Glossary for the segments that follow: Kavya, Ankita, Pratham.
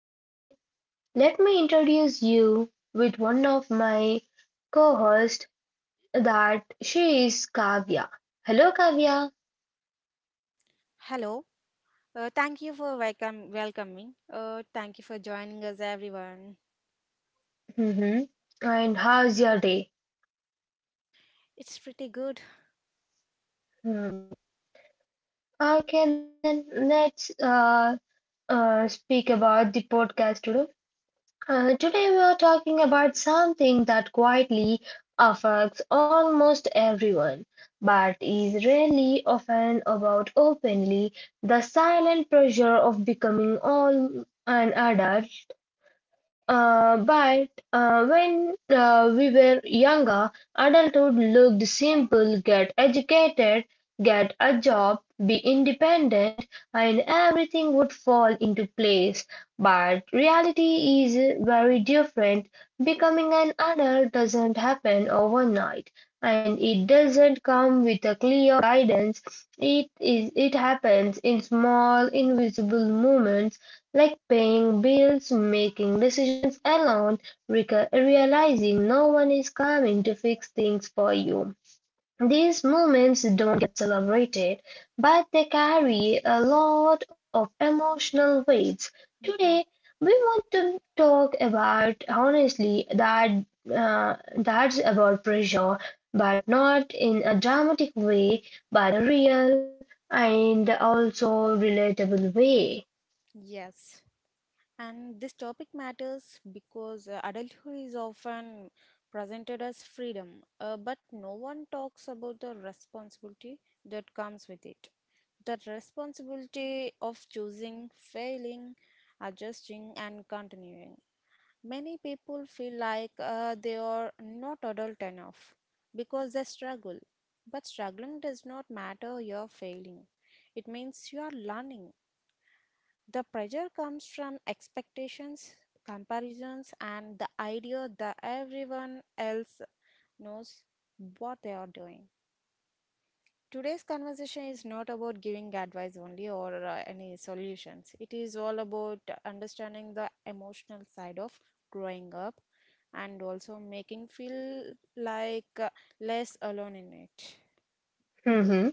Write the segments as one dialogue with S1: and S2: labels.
S1: today, let me introduce you with one of my co-hosts that she is Kavya. Hello Kavya.
S2: Hello. Thank you for welcome welcoming. Thank you for joining us, everyone.
S1: Mm-hmm. And how's your day?
S2: It's pretty good.
S1: Hmm. Okay, then let's speak about the podcast today. Today we are talking about something that quietly affects almost everyone, but is rarely often about openly the silent pressure of becoming all an adult but when we were younger, adulthood looked simple get educated, get a job, be independent, and everything would fall into place. But reality is very different. Becoming an adult doesn't happen overnight, and it doesn't come with a clear guidance. It happens in small, invisible moments like paying bills, making decisions alone, realizing no one is coming to fix things for you. These moments don't get celebrated, but they carry a lot of emotional weights. Today,
S2: hmm
S1: we want to talk about honestly that's about pressure, but not in a dramatic way, but a real and also relatable way.
S2: Yes. And this topic matters because adulthood is often presented as freedom, but no one talks about the responsibility that comes with it. That responsibility of choosing, failing, adjusting, and continuing. Many people feel like they are not adult enough because they struggle. But struggling does not matter you're failing. It means you are learning. The pressure comes from expectations, comparisons, and the idea that everyone else knows what they are doing. Today's conversation is not about giving advice only or any solutions. It is all about understanding the emotional side of growing up and also making feel like less alone in it.
S1: Let's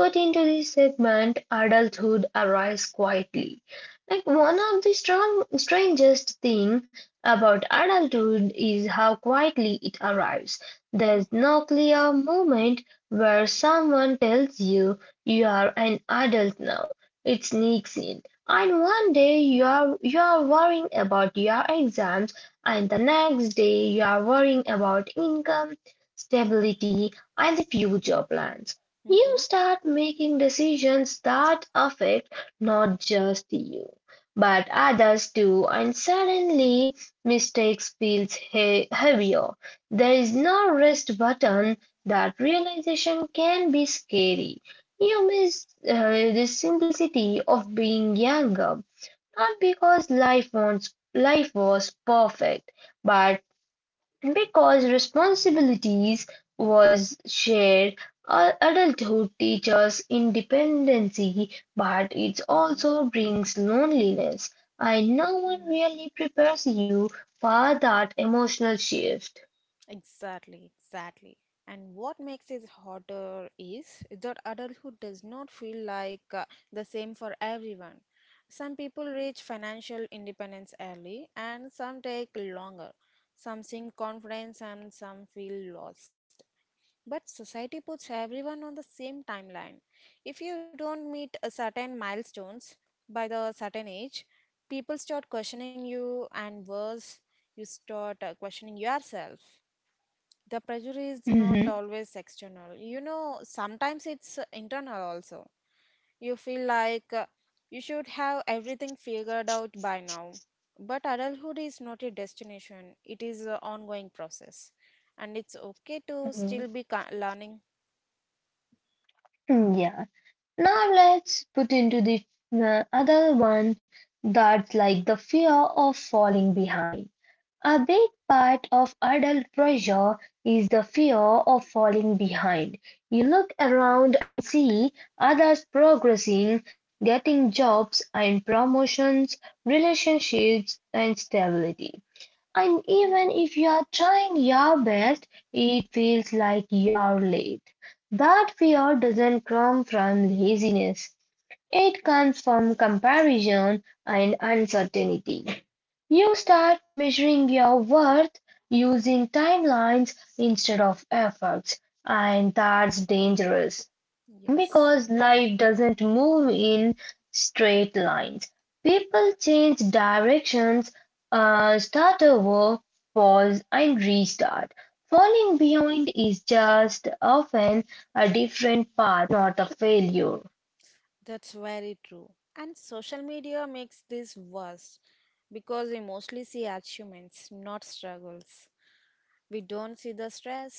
S1: expert into this segment, adulthood, arrives quietly. Like one of the strangest thing about adulthood is how quietly it arrives. There's
S2: Mm-hmm,
S1: no clear moment where someone tells you you are an adult now. It sneaks in. And one day you are worrying about your exams, and the next day you are worrying about income, stability, and the future plans. You
S2: mm-hmm,
S1: start making decisions that affect not just you, but others too, and suddenly mistakes feels heavier. There is no rest button. That realization can be scary. You miss the simplicity of being younger, not because life was perfect, but because responsibilities was shared. Adulthood teaches independency, but it
S2: mm-hmm,
S1: also brings loneliness. And no one
S2: mm-hmm.
S1: really prepares you for that emotional shift.
S2: Exactly, exactly. And what makes it harder is that adulthood does not feel like the same for everyone. Some people reach financial independence early, and some take longer. Some sink confidence, and some feel lost. But society puts everyone on the same timeline. If you don't meet a certain milestones by the certain age, people start questioning you, and worse, you start questioning yourself. The pressure is not
S1: Mm-hmm.
S2: always external, you know, sometimes it's internal also. You feel like you should have everything figured out by now, but adulthood is not a destination, it is an ongoing process, and it's okay to still
S1: Mhm.
S2: be learning.
S1: Mm, yeah. Now let's put into the other one, that's like the fear of falling behind. A big part of adult pressure is the fear of falling behind. You look around and see others progressing, getting jobs and promotions, relationships and stability. And even
S2: hmm
S1: if you are trying your best, it feels like you're late. That fear doesn't come from laziness. It comes from comparison and uncertainty. You start measuring your worth using timelines instead of efforts, and that's dangerous
S2: yes,
S1: because life doesn't move in straight lines. People change directions, start over, pause, and restart. Falling behind is just often a different path, not a failure.
S2: that's very true. And social media makes this worse because we mostly see achievements not struggles. We don't see the stress,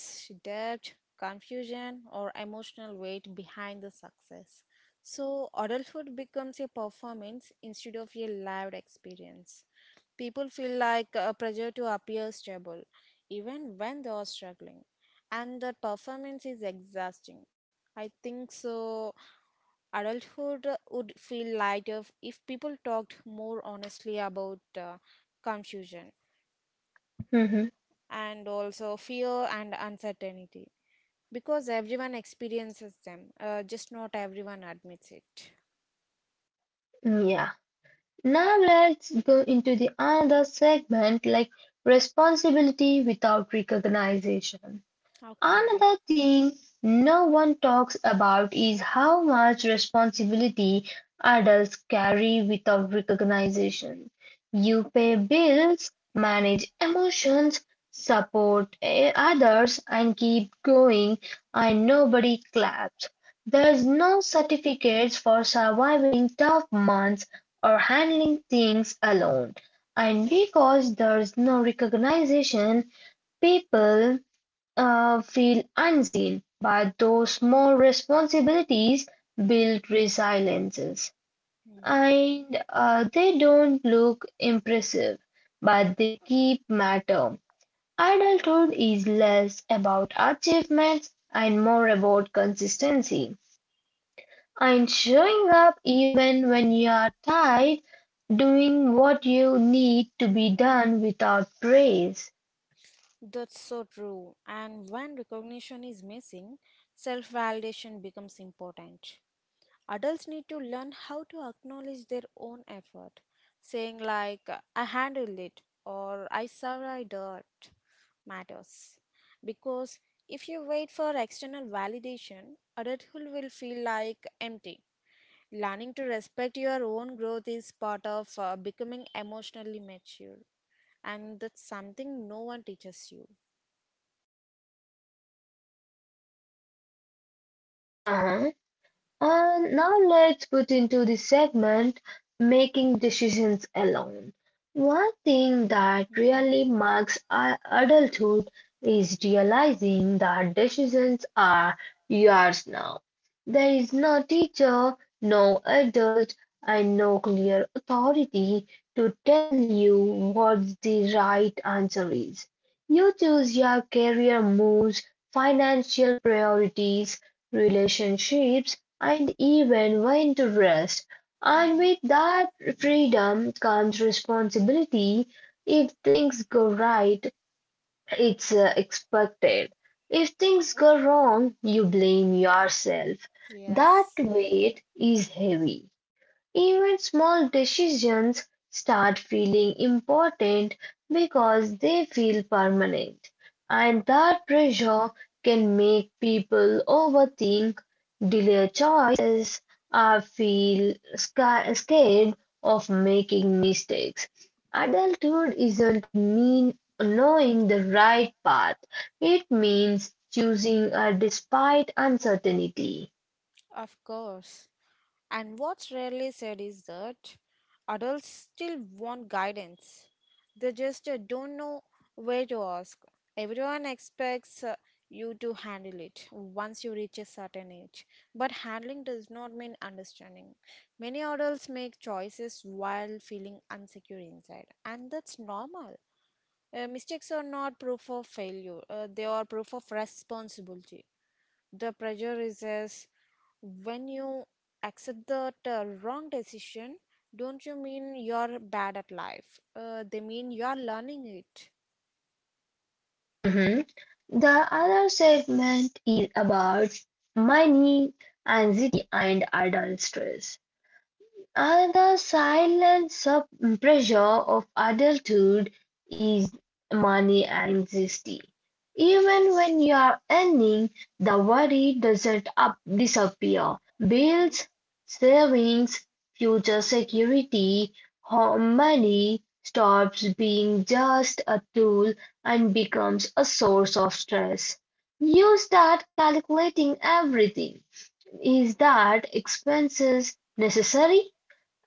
S2: debt, confusion, or emotional weight behind the success. So, adulthood becomes a performance instead of a lived experience. People feel like a pressure to appear stable, even when they are struggling. And that performance is exhausting. I think so. Adulthood would feel lighter if people talked more honestly about confusion
S1: Mhm.
S2: and also fear and uncertainty, because everyone experiences them, just not everyone admits it.
S1: Yeah. Now let's go into the another segment, like responsibility without recognition.
S2: Okay.
S1: Another thing no one talks about is how much responsibility adults carry without recognition. You pay bills, manage emotions, support others, and keep going, and nobody claps. There's
S2: Mm-hmm.
S1: no certificates for surviving tough months or handling things alone. And because there's no recognition, people feel unseen, but those more responsibilities build resiliences.
S2: Mm.
S1: And they don't look impressive, but they keep matter. Adulthood is less about achievements and more about consistency and showing up even when you are tired, doing what you need to be done without praise.
S2: That's so true. And when recognition is missing, self validation becomes important. Adults need to learn how to acknowledge their own effort, saying, like, I handled it or I survived it matters. Because if you wait for external validation, adulthood will feel like empty. Learning to respect your own growth is part of becoming emotionally mature, and that's something no one teaches you.
S1: And now let's put into the segment making decisions alone. One thing that
S2: Mm-hmm.
S1: really marks adulthood is realizing that decisions are yours now. There is no teacher, no adult, and no clear authority to tell you what the right answer is. You choose your career moves, financial priorities, relationships, and even when to rest. And
S2: Mm-hmm.
S1: with that freedom comes responsibility. If things go right, it's expected. If things go wrong, you blame yourself. That
S2: Yes.
S1: weight is heavy. Even small decisions start feeling important because they feel permanent, and that pressure can make people overthink, delay choices, or feel scared of making mistakes. Adulthood isn't mean knowing the right path. It means choosing a despite uncertainty.
S2: Of course. And what's rarely said is that adults still want guidance. They just don't know where to ask. Everyone expects you to handle it once you reach a certain age. But handling does not mean understanding. Many adults make choices while feeling insecure inside, and that's normal. Mistakes are not proof of failure, they are proof of responsibility. The pressure is when you accept that wrong decision, don't you mean you're bad at life? They mean you're learning it.
S1: Mhm. The other segment is about money, anxiety, and adult stress. And the silent sub pressure of adulthood is money anxiety. Even when you're earning, the worry doesn't up disappear.
S2: hmm
S1: Bills, savings, future security, home money stops being just a tool and becomes a source of stress. You start calculating everything. Is that expenses necessary?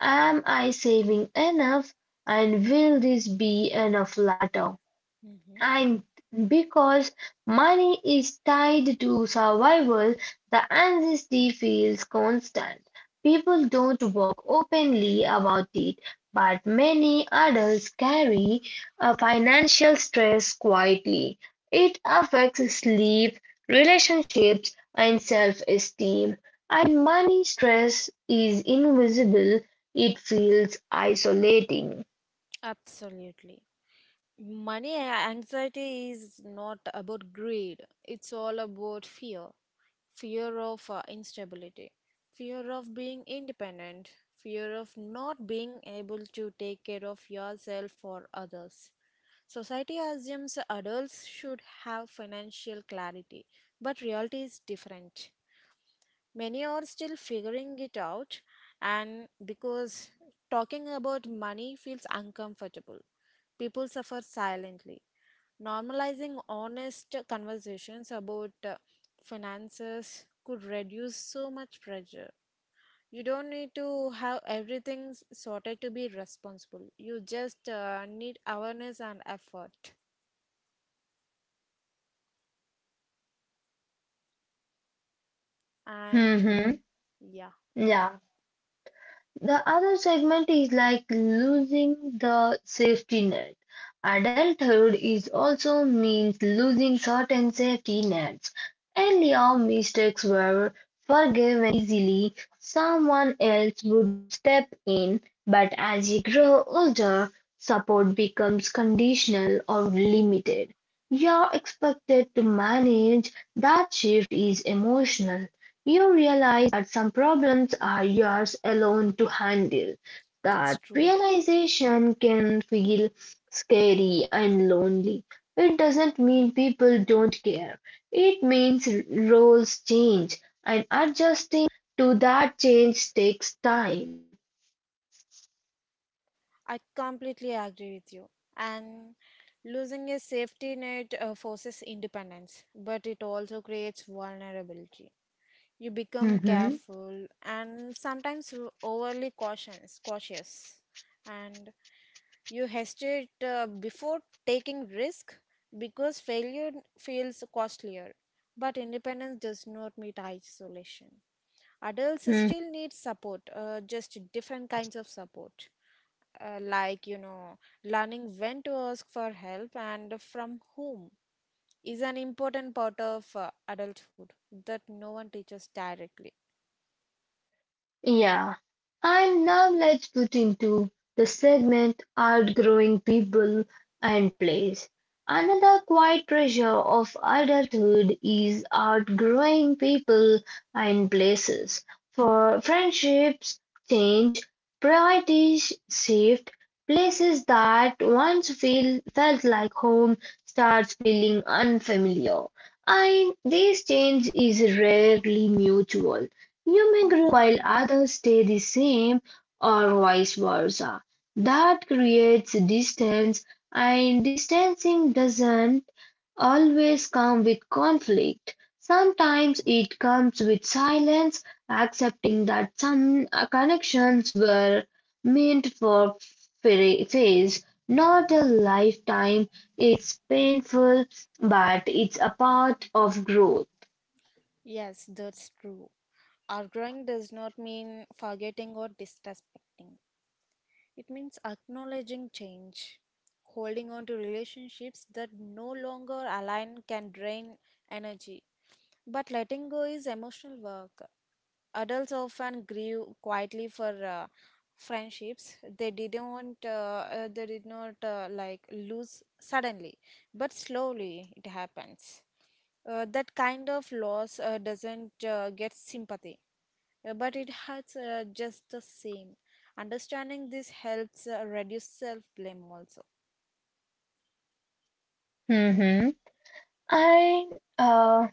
S1: Am I saving enough? And will this be enough later?
S2: hmm
S1: And because money is tied to survival, the anxiety feels constant. People don't talk openly about it, but many adults carry a financial stress quietly. It affects sleep, relationships, and self esteem. And money stress is invisible, it feels isolating.
S2: Absolutely. Money anxiety is not about greed, it's all about fear, fear of instability, fear of being independent, fear of not being able to take care of yourself or others. Society assumes adults should have financial clarity, but reality is different. Many are still figuring it out, and because talking about money feels uncomfortable, people suffer silently. Normalizing honest conversations about finances could reduce so much pressure. You don't need to have everything sorted to be responsible. You just need awareness and effort. And
S1: Mhm.
S2: yeah,
S1: Yeah. The other segment is like losing the safety net. Adulthood is also means losing certain safety nets. Earlier mistakes were forgiven easily, someone else would step in, but as you grow older, support becomes conditional or limited. You're expected to manage that shift is emotional. You realize that some problems are yours alone to handle.
S2: that's
S1: That
S2: true.
S1: realization can feel scary and lonely. It doesn't mean people don't care. It means roles change and adjusting to that change takes time.
S2: I completely agree with you. And losing a safety net forces independence, but it also creates vulnerability. You become
S1: Mm-hmm.
S2: careful and sometimes overly cautious, and you hesitate before taking risk because failure feels costlier. But independence does not mean isolation. Adults still need support, just different kinds of support, like, you know, learning when to ask for help and from whom is an important part of adulthood that no one teaches directly.
S1: Yeah, and now let's put into the segment outgrowing people and place. Another quiet treasure of adulthood is outgrowing people and places. For friendships change, priorities shift, places that once felt like home starts feeling unfamiliar. And this change is rarely mutual. You may
S2: hmm
S1: while others stay the same or vice versa. That creates distance and distancing doesn't always come with conflict. Sometimes it comes with silence, accepting that some connections were meant for phase, not a lifetime. It's painful, but it's a part of growth.
S2: yes, that's true. Outgrowing does not mean forgetting or disrespecting. It means acknowledging change, holding on to relationships that no longer align can drain energy. But letting go is emotional work. Adults often grieve quietly for friendships they didn't they did not like lose suddenly, but slowly it happens. That kind of loss doesn't get sympathy, but it hurts, just the same. Understanding this helps reduce self blame also.
S1: Mm-hmm. And uh,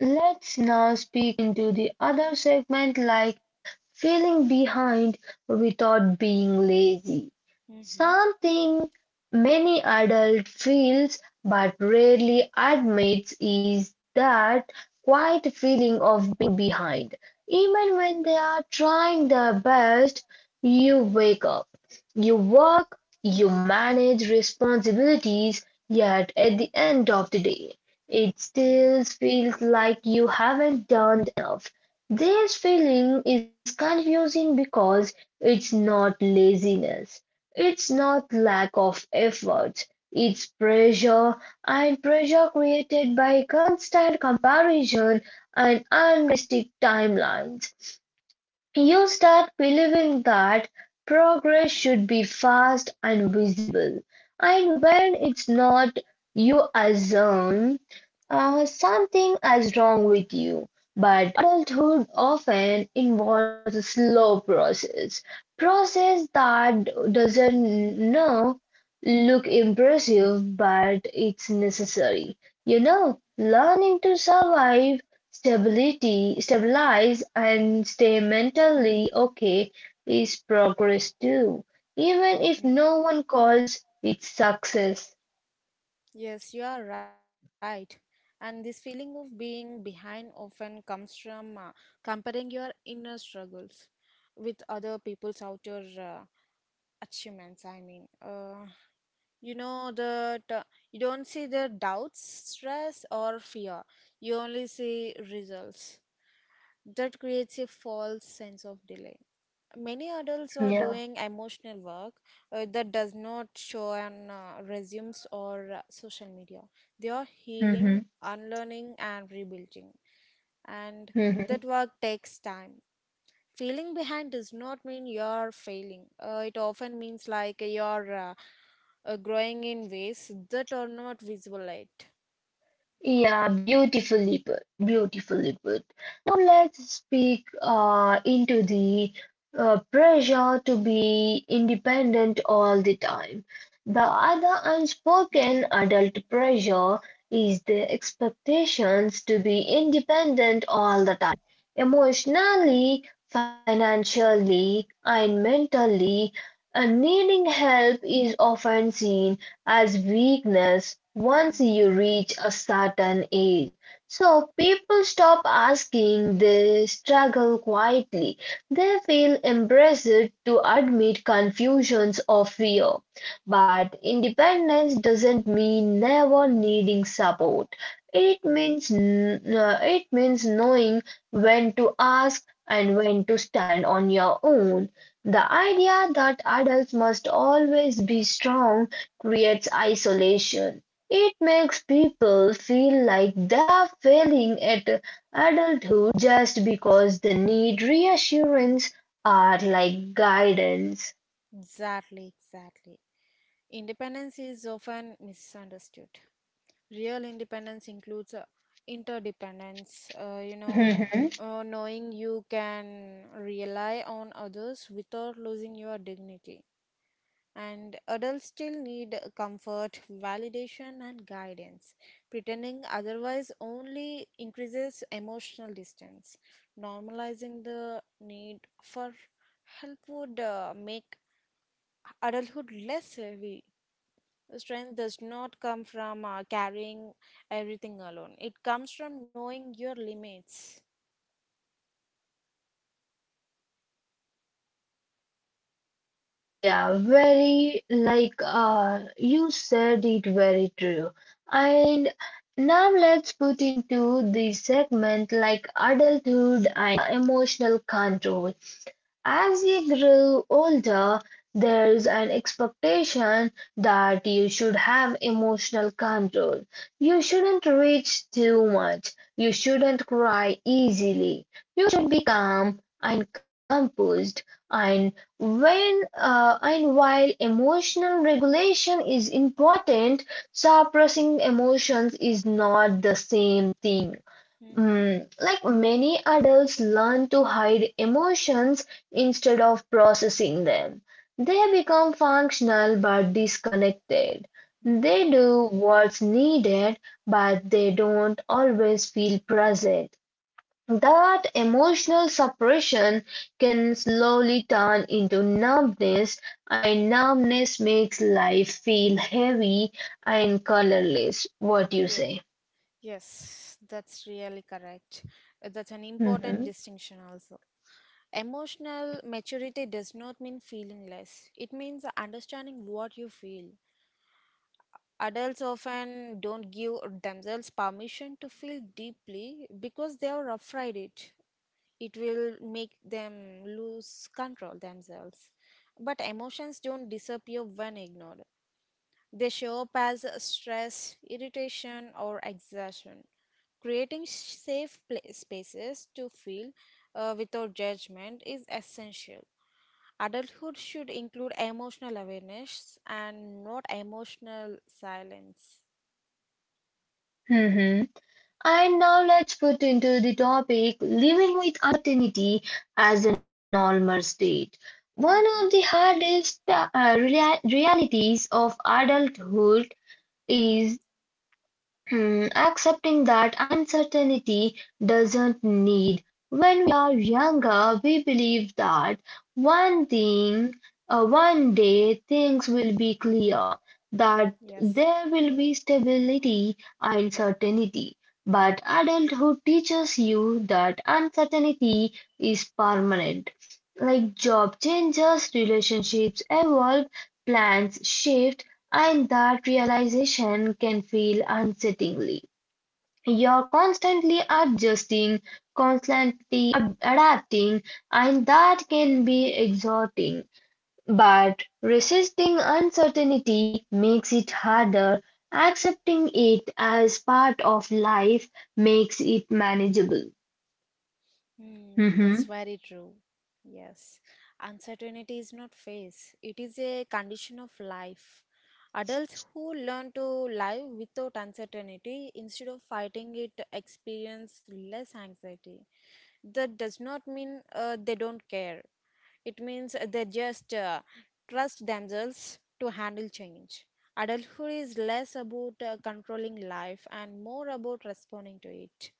S1: let's now speak into the other segment, like feeling behind without being lazy.
S2: Mm-hmm.
S1: Something many adult feels but rarely admits is that quiet feeling of being behind. Even when they are trying their best, you wake up, you work, you manage responsibilities, yet at the end of the day, it still feels like you haven't done enough. This feeling is confusing because it's not laziness, it's not lack of effort, it's pressure, and pressure created by constant comparison and unrealistic timelines. You start believing that progress should be fast and visible, and when it's not, you assume something is wrong with you. But adulthood often involves a slow process, process that doesn't know look impressive, but it's necessary. You know, learning to survive stability, stabilize and stay mentally okay is progress too, even if
S2: Mm-hmm.
S1: no one calls it success.
S2: Yes, you are right. And this feeling of being behind often comes from comparing your inner struggles with other people's outer achievements. I mean, you know that you don't see the doubts, stress, or fear. You only see results. That creates a false sense of delay. Many adults are
S1: Yeah.
S2: doing emotional work that does not show on resumes or social media. They are healing,
S1: Mm-hmm.
S2: unlearning, and rebuilding, and that
S1: Mhm.
S2: work takes time. Feeling behind does not mean you're failing. It often means like you're growing in ways that are not visible yet.
S1: Yeah, beautifully put. Beautifully put. Now let's speak into the pressure to be independent all the time. The other unspoken
S2: Mm-hmm.
S1: adult pressure is the expectations to be independent all the time. Emotionally, financially, and mentally, a needing help is often seen as weakness once
S2: Mm-hmm.
S1: you reach a certain age. So people stop asking, they struggle quietly. They feel embarrassed to admit confusions or fear. But independence doesn't mean never needing support. It means it means knowing when to ask and when to stand on your own. The idea that adults must always be strong creates isolation. It makes people feel like they're failing at adulthood just because they need reassurance or like guidance.
S2: Exactly, exactly. Independence is often misunderstood. Real independence includes interdependence, you know, knowing you can rely on others without losing your dignity. And adults still need comfort, validation, and guidance. Pretending otherwise only increases emotional distance. Normalizing the need for help would make adulthood less heavy. Strength does not come from carrying everything alone, it comes from knowing your limits.
S1: Yeah, very like you said it very true. And now let's put into the segment like adulthood and emotional control. As you grow older, there's an expectation that you should have emotional control. You shouldn't reach too much. You shouldn't cry easily. You should be calm and composed. And while emotional regulation is important, suppressing emotions is not the same thing.
S2: Mm-hmm.
S1: Mm, like many adults learn to hide emotions instead of processing them. They become functional but disconnected.
S2: Mm.
S1: They do what's needed, but they don't always feel present. That emotional suppression can slowly turn into numbness, and numbness makes life feel heavy and colorless. What do you
S2: Ye-
S1: say?
S2: Yes, that's really correct. That's an important
S1: Hmm.
S2: distinction, also. Emotional maturity does not mean feeling less. It means understanding what you feel. Adults often don't give themselves permission to feel deeply because they are afraid it. It will make them lose control themselves. But emotions don't disappear when ignored. They show up as stress, irritation, or exhaustion. Creating safe spaces to feel without judgment is essential. Adulthood should include emotional awareness and not emotional silence.
S1: And now let's put into the topic living with uncertainty as a normal state. One of
S2: hmm
S1: the hardest realities of adulthood is hmm, accepting that uncertainty doesn't need. When we are younger, we believe that one thing, one day things will be clear, that
S2: Yes.
S1: there will be stability and certainty. But adulthood teaches you that uncertainty is permanent. Like job changes, relationships evolve, plans shift, and that realization can feel unsettlingly. You're constantly adjusting, constantly adapting, and that can be exhausting. But resisting uncertainty makes it harder. Accepting it as part of life makes it manageable.
S2: Hmm. That's
S1: Mhm.
S2: very true. Yes, uncertainty is not phase, it is a condition of life. Adults who learn to live without uncertainty instead of fighting it experience less anxiety. That does not mean they don't care, it means they just trust themselves to handle change. Adulthood is less about controlling life and more about responding to it.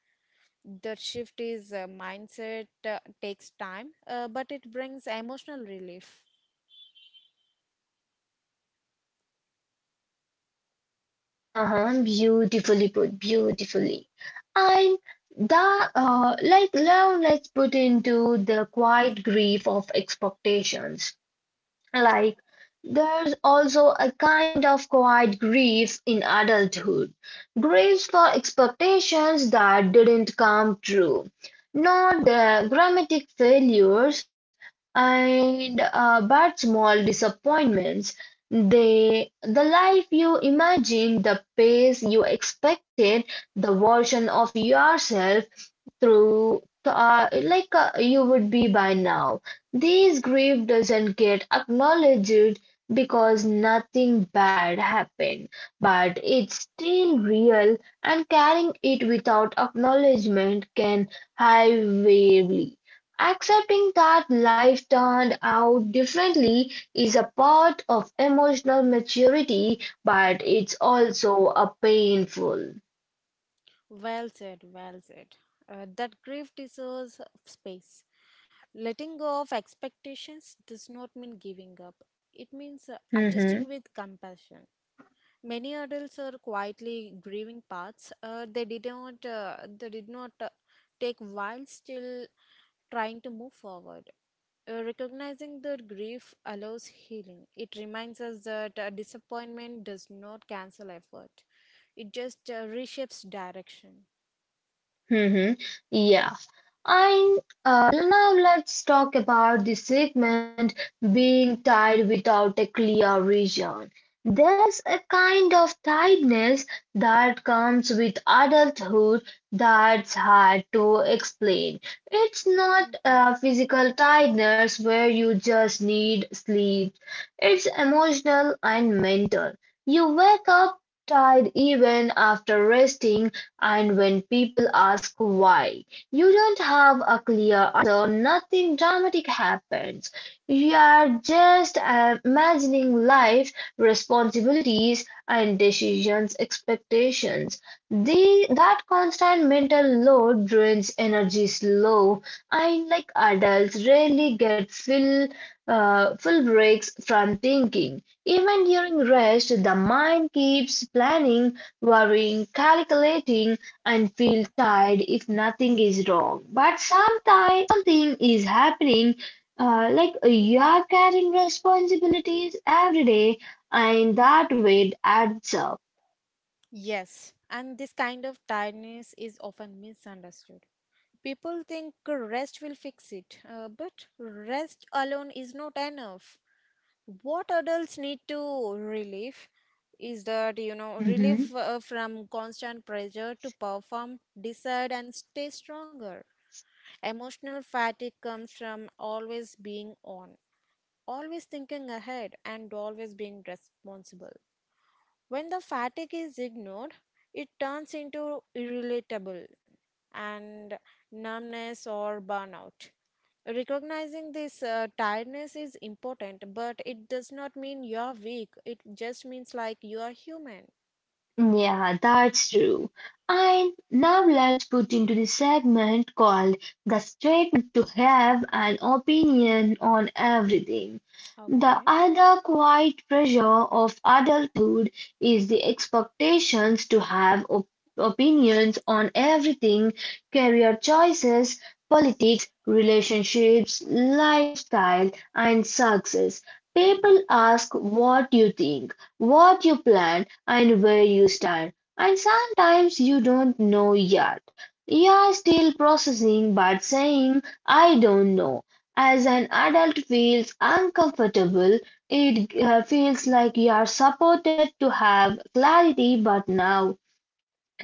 S2: That shift is mindset, takes time, but it brings emotional relief.
S1: Uh-huh, beautifully put, beautifully. And the like love let's put into the quiet grief of expectations. Like, there's also a kind of quiet grief in adulthood, griefs for expectations that didn't come true, not the dramatic failures and but small disappointments. They, the life you imagined, the pace you expected, the version of yourself through like you would be by now. These grief doesn't get acknowledged because nothing bad happened, but it's still real and carrying it without acknowledgement can highwayly. Accepting that life turned out differently is a part of emotional maturity, but
S2: hmm
S1: it's also a painful.
S2: Well said, well said. That grief deserves space. Letting go of expectations does not mean giving up, it means adjusting
S1: Mhm.
S2: with compassion. Many adults are quietly grieving paths. They did not take while still trying to move forward. Recognizing that grief allows healing. It reminds us that disappointment does not cancel effort. It just reshapes direction.
S1: Mm-hmm. Yeah. And now let's talk about the segment being tied without a clear reason. There's a kind of tiredness that comes with adulthood that's hard to explain. It's not a physical tiredness where you just need sleep, it's emotional and mental. You wake up tired even after resting, and when people ask why, you don't have a clear answer, nothing dramatic happens. You are just imagining life responsibilities and decisions expectations. The, that constant mental load drains energy slow and like adults rarely get full breaks from thinking. Even during rest, the mind keeps planning, worrying, calculating, and feel tired if nothing is wrong. But sometimes something is happening. Like you are carrying responsibilities every day and that weight adds up.
S2: Yes, and this kind of tiredness is often misunderstood. People think rest will fix it, but rest alone is not enough. What adults need to relieve is that, you know, relief
S1: Mhm.
S2: from constant pressure to perform decide and stay stronger. Emotional fatigue comes from always being on, always thinking ahead, and always being responsible. When the fatigue is ignored, it turns into irritable and numbness or burnout. Recognizing this tiredness is important, but it does not mean you're weak. It just means like you are human.
S1: Yeah, that's true. And now let's put into the segment called the statement to have an opinion on everything. The
S2: Okay.
S1: other quiet pressure of adulthood is the expectations to have opinions on everything, career choices, politics, relationships, lifestyle, and success. People
S2: Mhm.
S1: ask what you think, what you plan, and where you stand. And sometimes you don't know yet. You are still processing, but saying, I don't know, as an adult feels uncomfortable. It feels like you are supported to have clarity, but now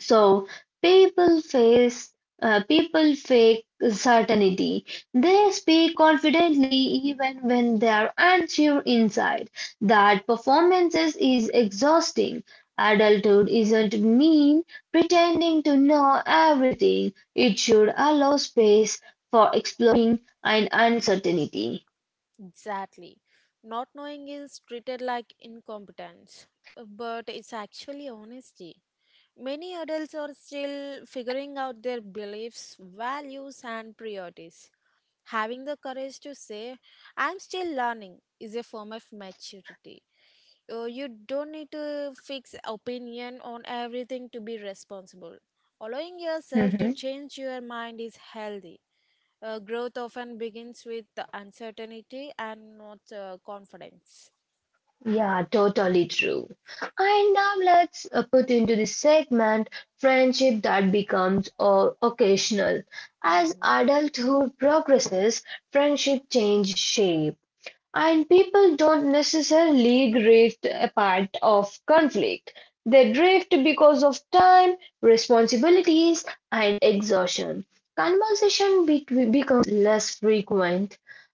S1: so people face people fake certainty. They speak confidently even when they are unsure inside. That performances is exhausting. Adulthood isn't mean pretending to know everything. It should allow space for exploring and uncertainty.
S2: Exactly. Not knowing is treated like incompetence, but it's actually honesty. Many adults are still figuring out their beliefs, values, and priorities. Having the courage to say, I'm still learning, is a form of maturity. You don't need to fix opinion on everything to be responsible. Allowing yourself to change your mind is healthy. Growth often begins with the uncertainty and not confidence.
S1: Yeah, totally true. And now let's put into this segment friendship that becomes occasional. As
S2: hmm
S1: adulthood progresses, friendship change shape. And people don't necessarily drift apart of conflict. They drift because of time, responsibilities, and exhaustion. Conversation between becomes less frequent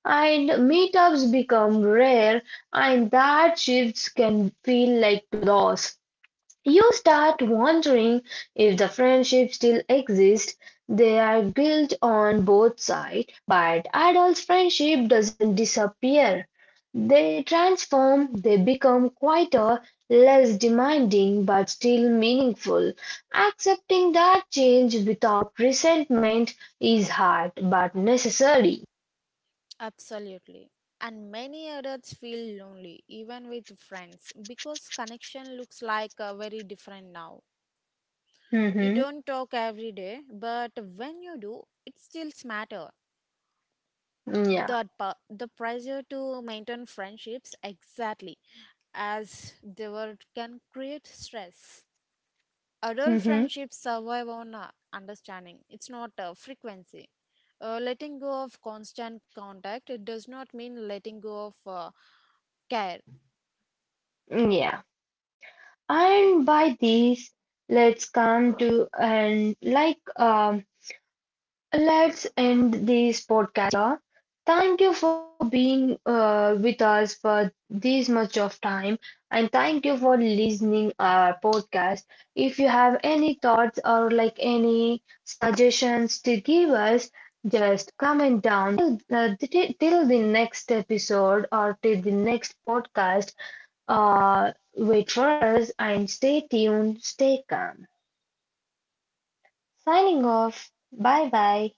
S1: and meetups become rare and that shifts can feel like loss. You start wondering if the friendship still exists. They are built on both sides, but adult friendship doesn't disappear. They transform, they become quieter, less demanding, but still meaningful. Accepting that change without resentment is hard but necessary.
S2: Absolutely. And many adults feel lonely, even with friends, because connection looks like very different now. You
S1: Hmm.
S2: don't talk every day, but when you do, it still matters.
S1: Yeah.
S2: The pressure to maintain friendships exactly as they were can create stress. Adult
S1: Hmm.
S2: friendships survive on understanding, it's not frequency. Letting go of constant contact it does not mean letting go of care.
S1: Yeah. And by these, let's come to and like let's end this podcast here. Thank you for being with us for this much of time, and thank you for listening our podcast. If you have any thoughts or like any suggestions to give us, just comment down. Till the next episode or till the next podcast wait for us and stay tuned, stay calm. Signing off. Bye bye.